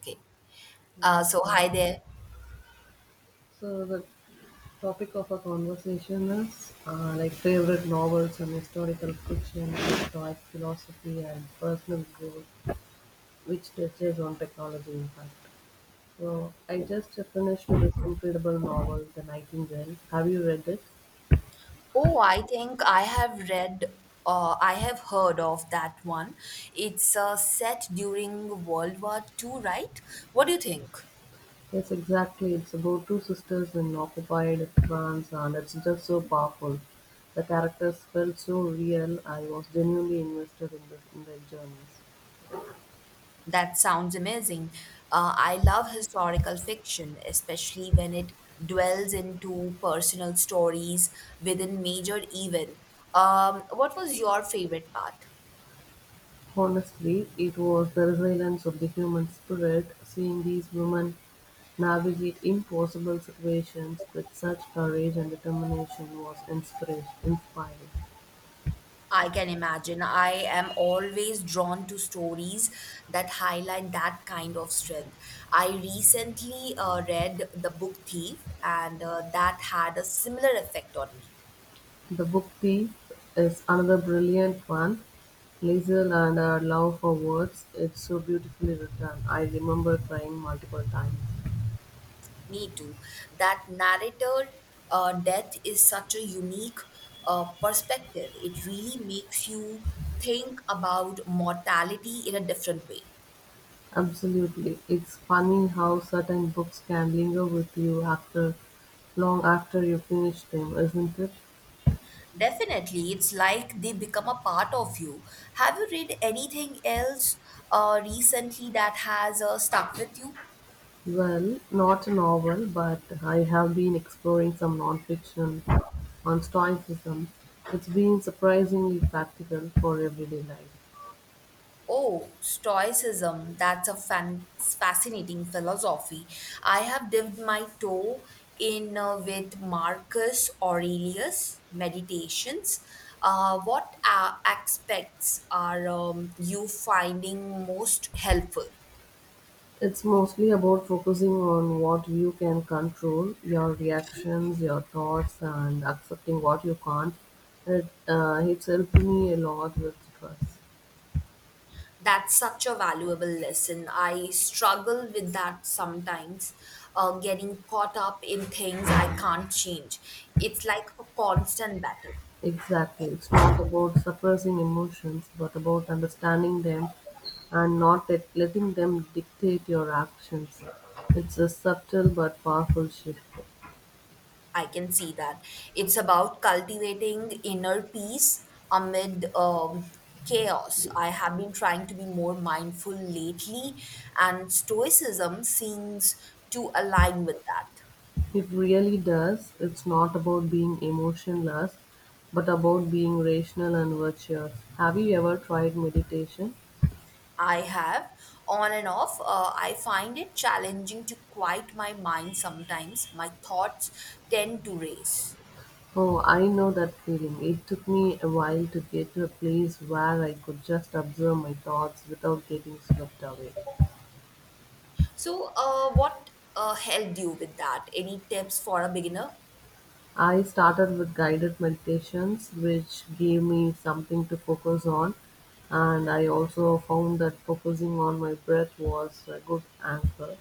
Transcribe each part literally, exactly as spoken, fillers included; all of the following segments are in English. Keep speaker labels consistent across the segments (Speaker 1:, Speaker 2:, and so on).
Speaker 1: Okay.
Speaker 2: Yeah.
Speaker 1: Uh, so
Speaker 2: Okay.
Speaker 1: hi there.
Speaker 2: So the topic of our conversation is uh, like favorite novels and historical fiction, like philosophy and personal growth, which touches on technology impact. So I just finished this incredible novel, The Nightingale. Have you read it?
Speaker 1: Oh, I think I have read uh, I have heard of that one. It's uh, set during World War Two, right? What do you think?
Speaker 2: Yes, exactly. It's about two sisters in occupied France, and it's just so powerful. The characters felt so real. I was genuinely invested in the in their journeys.
Speaker 1: That sounds amazing. Uh, I love historical fiction, especially when it dwells into personal stories within major event. Um, what was your favorite part?
Speaker 2: Honestly, it was the resilience of the human spirit. Seeing these women navigate impossible situations with such courage and determination was inspira- inspiring.
Speaker 1: I can imagine. I am always drawn to stories that highlight that kind of strength. I recently uh, read The Book Thief, and uh, that had a similar effect on me.
Speaker 2: The Book Thief is another brilliant one. Liesel and her love for words, it's so beautifully written. I remember crying multiple times.
Speaker 1: Me too. That narrator uh, death is such a unique uh, perspective. It really makes you think about mortality in a different way.
Speaker 2: Absolutely. It's funny how certain books can linger with you after long after you finish them, isn't it?
Speaker 1: Definitely, it's like they become a part of you. Have you read anything else uh, recently that has uh, stuck with you?
Speaker 2: Well, not a novel, but I have been exploring some nonfiction on Stoicism. It's been surprisingly practical for everyday life.
Speaker 1: Oh, Stoicism. That's a fan- fascinating philosophy. I have dipped my toe in uh, with Marcus Aurelius' meditations. Uh, what uh, aspects are um, you finding most helpful?
Speaker 2: It's mostly about focusing on what you can control, your reactions, your thoughts, and accepting what you can't. It, uh, it's helped me a lot with stress.
Speaker 1: That's such a valuable lesson. I struggle with that sometimes, uh, getting caught up in things I can't change. It's like a constant battle.
Speaker 2: Exactly. It's not about suppressing emotions, but about understanding them and not let, letting them dictate your actions. It's a subtle but powerful shift.
Speaker 1: I can see that. It's about cultivating inner peace amid um, chaos. I have been trying to be more mindful lately, and Stoicism seems to align with that.
Speaker 2: It really does. It's not about being emotionless, but about being rational and virtuous. Have you ever tried meditation?
Speaker 1: I have on and off. Uh, I find it challenging to quiet my mind sometimes. My thoughts tend to race.
Speaker 2: Oh, I know that feeling. It took me a while to get to a place where I could just observe my thoughts without getting swept away.
Speaker 1: So, uh, what uh, helped you with that? Any tips for a beginner?
Speaker 2: I started with guided meditations, which gave me something to focus on, and I also found that focusing on my breath was a good anchor.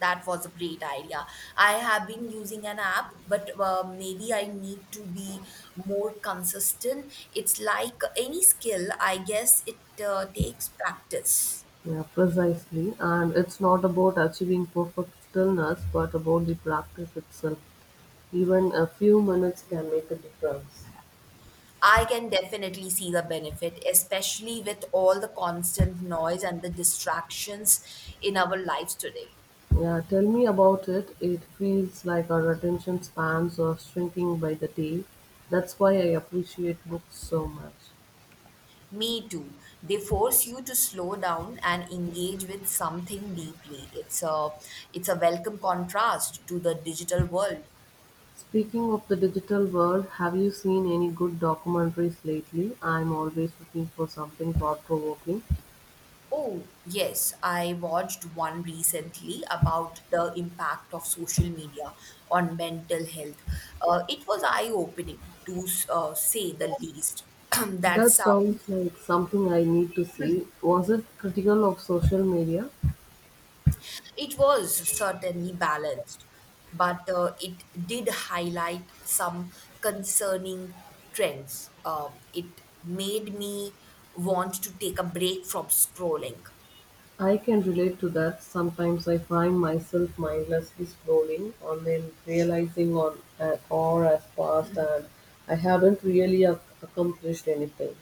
Speaker 1: That was a great idea. I have been using an app, but uh, maybe I need to be more consistent. It's like any skill, I guess it uh, takes practice.
Speaker 2: Yeah, precisely. And it's not about achieving perfect stillness, but about the practice itself. Even a few minutes can make a difference.
Speaker 1: I can definitely see the benefit, especially with all the constant noise and the distractions in our lives today.
Speaker 2: Yeah, tell me about it. It feels like our attention spans are shrinking by the day. That's why I appreciate books so much.
Speaker 1: Me too. They force you to slow down and engage with something deeply. It's a it's a welcome contrast to the digital world.
Speaker 2: Speaking of the digital world, have you seen any good documentaries lately? I'm always looking for something thought provoking.
Speaker 1: Oh, yes, I watched one recently about the impact of social media on mental health. Uh, it was eye-opening to uh, say the least. that
Speaker 2: That sounds
Speaker 1: sounds
Speaker 2: like something I need to see. Was it critical of social media?
Speaker 1: It was certainly balanced, but uh, it did highlight some concerning trends. Um, it made me want to take a break from scrolling.
Speaker 2: I can relate to that. Sometimes I find myself mindlessly scrolling and then realizing on an hour has passed and I haven't really ac- accomplished anything.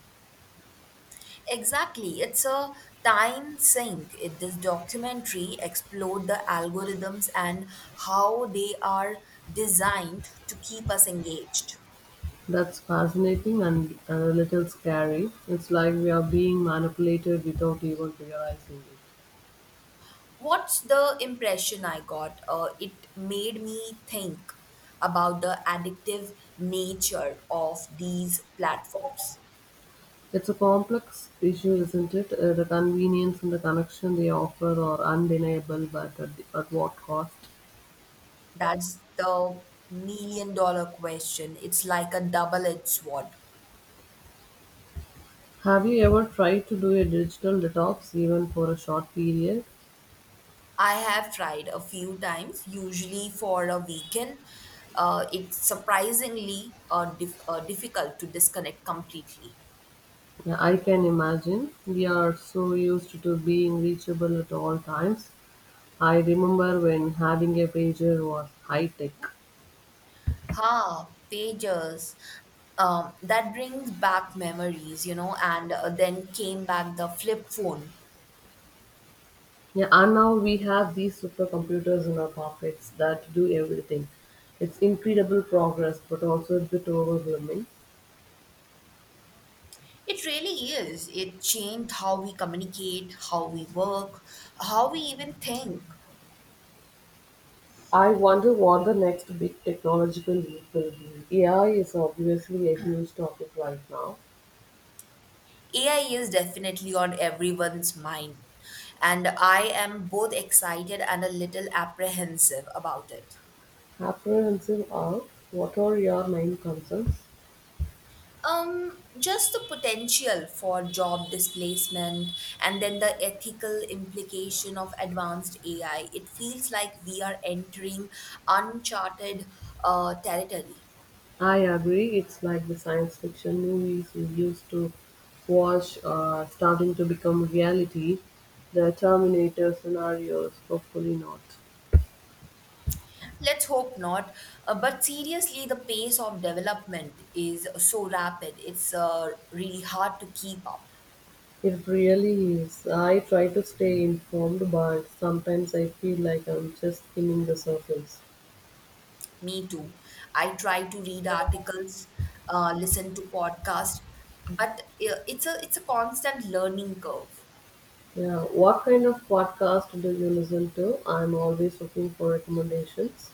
Speaker 1: Exactly, it's a time sink. It, this documentary explored the algorithms and how they are designed to keep us engaged.
Speaker 2: That's fascinating and, and a little scary. It's like we are being manipulated without even realizing it.
Speaker 1: What's the impression I got? Uh, it made me think about the addictive nature of these platforms.
Speaker 2: It's a complex issue, isn't it? Uh, the convenience and the connection they offer are undeniable, but at, at what cost?
Speaker 1: That's the million dollar question. It's like a double edged sword.
Speaker 2: Have you ever tried to do a digital detox, even for a short period?
Speaker 1: I have tried a few times, usually for a weekend. Uh, it's surprisingly uh, dif- uh, difficult to disconnect completely.
Speaker 2: Uh, I can imagine. We are so used to being reachable at all times. I remember when having a pager was high tech.
Speaker 1: Ha, pages. Um, that brings back memories, you know, and uh, then came back the flip phone.
Speaker 2: Yeah, and now we have these supercomputers in our pockets that do everything. It's incredible progress, but also a bit overwhelming.
Speaker 1: It really is. It changed how we communicate, how we work, how we even think.
Speaker 2: I wonder what the next big technological leap will be. A I is obviously a huge topic right now.
Speaker 1: A I is definitely on everyone's mind, and I am both excited and a little apprehensive about it.
Speaker 2: Apprehensive, are what are your main concerns?
Speaker 1: Um, just the potential for job displacement and then the ethical implication of advanced A I. It feels like we are entering uncharted uh, territory.
Speaker 2: I agree, it's like the science fiction movies we used to watch uh, starting to become reality. The Terminator scenarios, hopefully not.
Speaker 1: Let's hope not. Uh, but seriously, the pace of development is so rapid. It's uh, really hard to keep up.
Speaker 2: It really is. I try to stay informed, but sometimes I feel like I'm just skimming the surface.
Speaker 1: Me too. I try to read articles, uh, listen to podcasts, but uh, it's a it's a constant learning curve.
Speaker 2: Yeah, what kind of podcast do you listen to? I'm always looking for recommendations.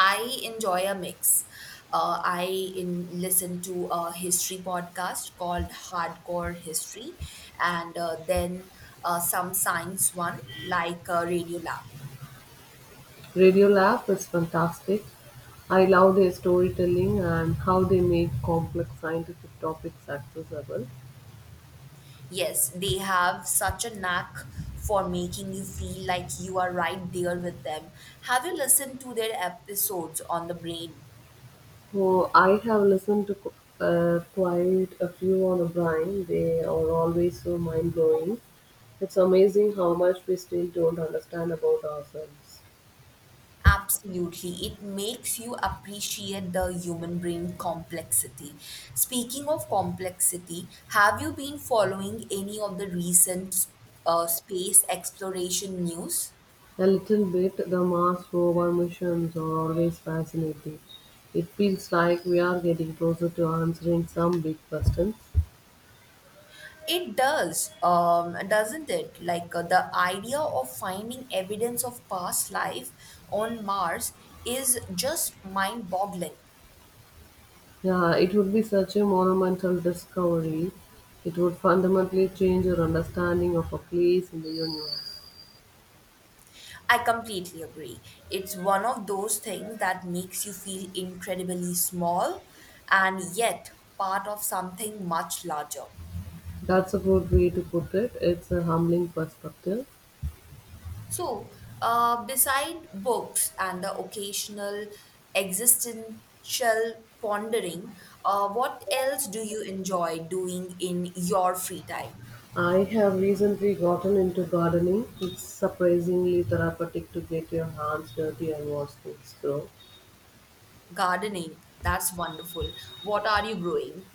Speaker 1: I enjoy a mix. Uh, I in, listen to a history podcast called Hardcore History, and uh, then uh, some science one like uh, Radio Lab.
Speaker 2: Radio Lab is fantastic. I love their storytelling and how they make complex scientific topics accessible.
Speaker 1: Yes, they have such a knack for making you feel like you are right there with them. Have you listened to their episodes on the brain?
Speaker 2: Oh, I have listened to qu- uh, quite a few on O'Brien. They are always so mind blowing. It's amazing how much we still don't understand about ourselves.
Speaker 1: Absolutely. It makes you appreciate the human brain complexity. Speaking of complexity, have you been following any of the recent uh, space exploration news?
Speaker 2: A little bit, the Mars rover missions are always fascinating. It feels like we are getting closer to answering some big questions.
Speaker 1: It does, um, doesn't it? Like uh, the idea of finding evidence of past life on Mars is just mind boggling.
Speaker 2: Yeah, it would be such a monumental discovery. It would fundamentally change your understanding of a place in the universe.
Speaker 1: I completely agree. It's one of those things that makes you feel incredibly small and yet part of something much larger.
Speaker 2: That's a good way to put it. It's a humbling perspective.
Speaker 1: So, uh, beside books and the occasional existential pondering, uh, what else do you enjoy doing in your free time?
Speaker 2: I have recently gotten into gardening. It's surprisingly therapeutic to get your hands dirty and watch things grow.
Speaker 1: Gardening, that's wonderful. What are you growing?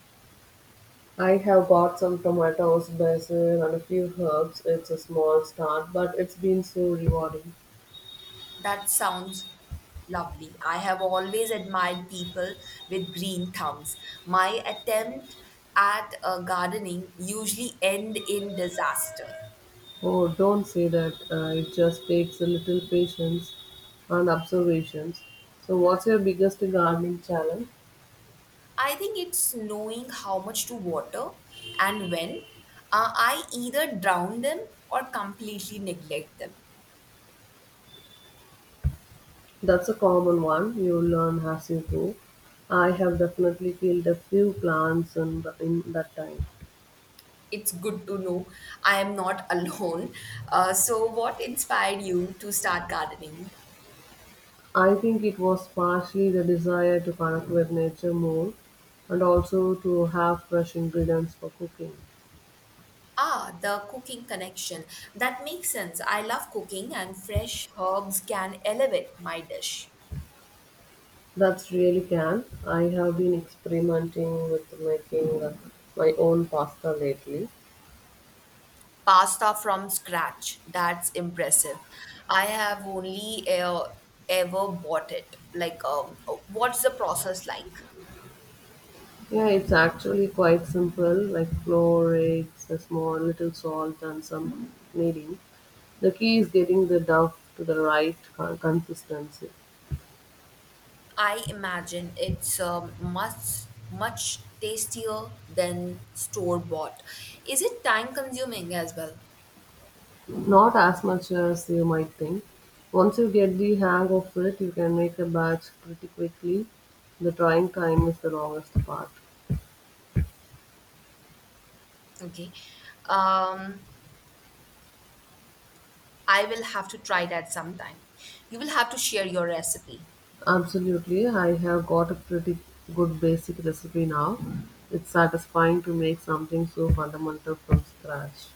Speaker 2: I have bought some tomatoes, basil, and a few herbs. It's a small start, but it's been so rewarding.
Speaker 1: That sounds lovely. I have always admired people with green thumbs. My attempt at uh, gardening usually end in disaster.
Speaker 2: Oh, don't say that. Uh, it just takes a little patience and observations. So, what's your biggest gardening challenge?
Speaker 1: I think it's knowing how much to water and when. Uh, I either drown them or completely neglect them.
Speaker 2: That's a common one. You learn as you go. I have definitely killed a few plants in, the, in that time.
Speaker 1: It's good to know I am not alone. Uh, so, what inspired you to start gardening?
Speaker 2: I think it was partially the desire to connect with nature more and also to have fresh ingredients for cooking.
Speaker 1: Ah, the cooking connection. That makes sense. I love cooking, and fresh herbs can elevate my dish.
Speaker 2: That's really can. I have been experimenting with making uh, my own pasta lately.
Speaker 1: Pasta from scratch. That's impressive. I have only uh, ever bought it. Like, um, what's the process like?
Speaker 2: Yeah, it's actually quite simple, like flour, eggs, a small little salt, and some kneading. The key is getting the dough to the right con- consistency.
Speaker 1: I imagine it's um, much much tastier than store bought. Is it time consuming as well?
Speaker 2: Not as much as you might think. Once you get the hang of it, you can make a batch pretty quickly. The trying time is the longest part.
Speaker 1: Okay. Um, I will have to try that sometime. You will have to share your recipe.
Speaker 2: Absolutely, I have got a pretty good basic recipe now. It's satisfying to make something so fundamental from scratch.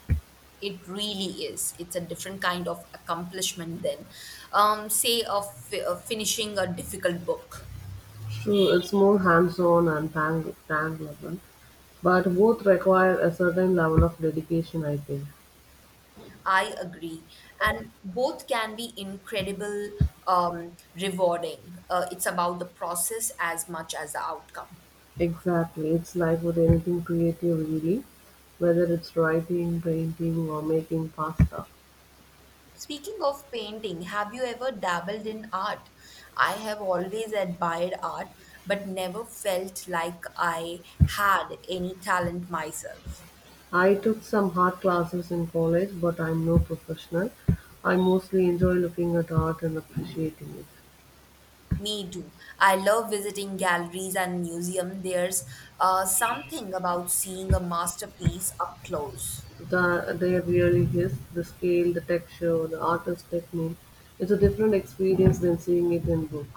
Speaker 1: It really is. It's a different kind of accomplishment than, um, say, of uh, finishing a difficult book.
Speaker 2: True, it's more hands on and tang, tang, but both require a certain level of dedication, I think.
Speaker 1: I agree. And both can be incredible, um, rewarding. Uh, it's about the process as much as the outcome.
Speaker 2: Exactly. It's like with anything creative, really, whether it's writing, painting, or making pasta.
Speaker 1: Speaking of painting, have you ever dabbled in art? I have always admired art, but never felt like I had any talent myself.
Speaker 2: I took some art classes in college, but I'm no professional. I mostly enjoy looking at art and appreciating it.
Speaker 1: Me too. I love visiting galleries and museums. There's uh, something about seeing a masterpiece up close.
Speaker 2: The, there really is the scale, the texture, the artist's technique. It's a different experience than seeing it in book.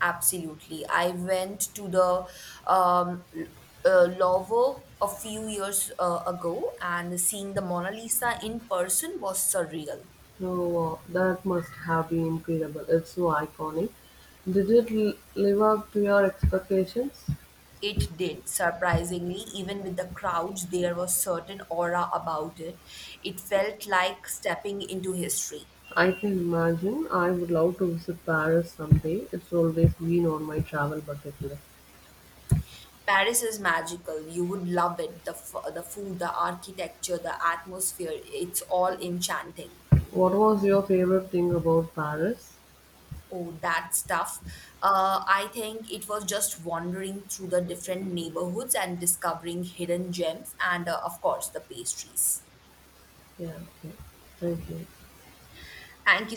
Speaker 1: Absolutely. I went to the um, uh, Louvre a few years uh, ago, and seeing the Mona Lisa in person was surreal.
Speaker 2: No, uh, That must have been incredible. It's so iconic. Did it l- live up to your expectations?
Speaker 1: It did, surprisingly, even with the crowds, there was certain aura about it. It felt like stepping into history.
Speaker 2: I can imagine. I would love to visit Paris someday. It's always been on my travel bucket list.
Speaker 1: Paris is magical. You would love it. The, f- the food, the architecture, the atmosphere, it's all enchanting.
Speaker 2: What was your favorite thing about Paris?
Speaker 1: Oh, that stuff. Uh, I think it was just wandering through the different neighborhoods and discovering hidden gems and, uh, of course, the pastries.
Speaker 2: Yeah, okay. Thank you.
Speaker 1: Thank you so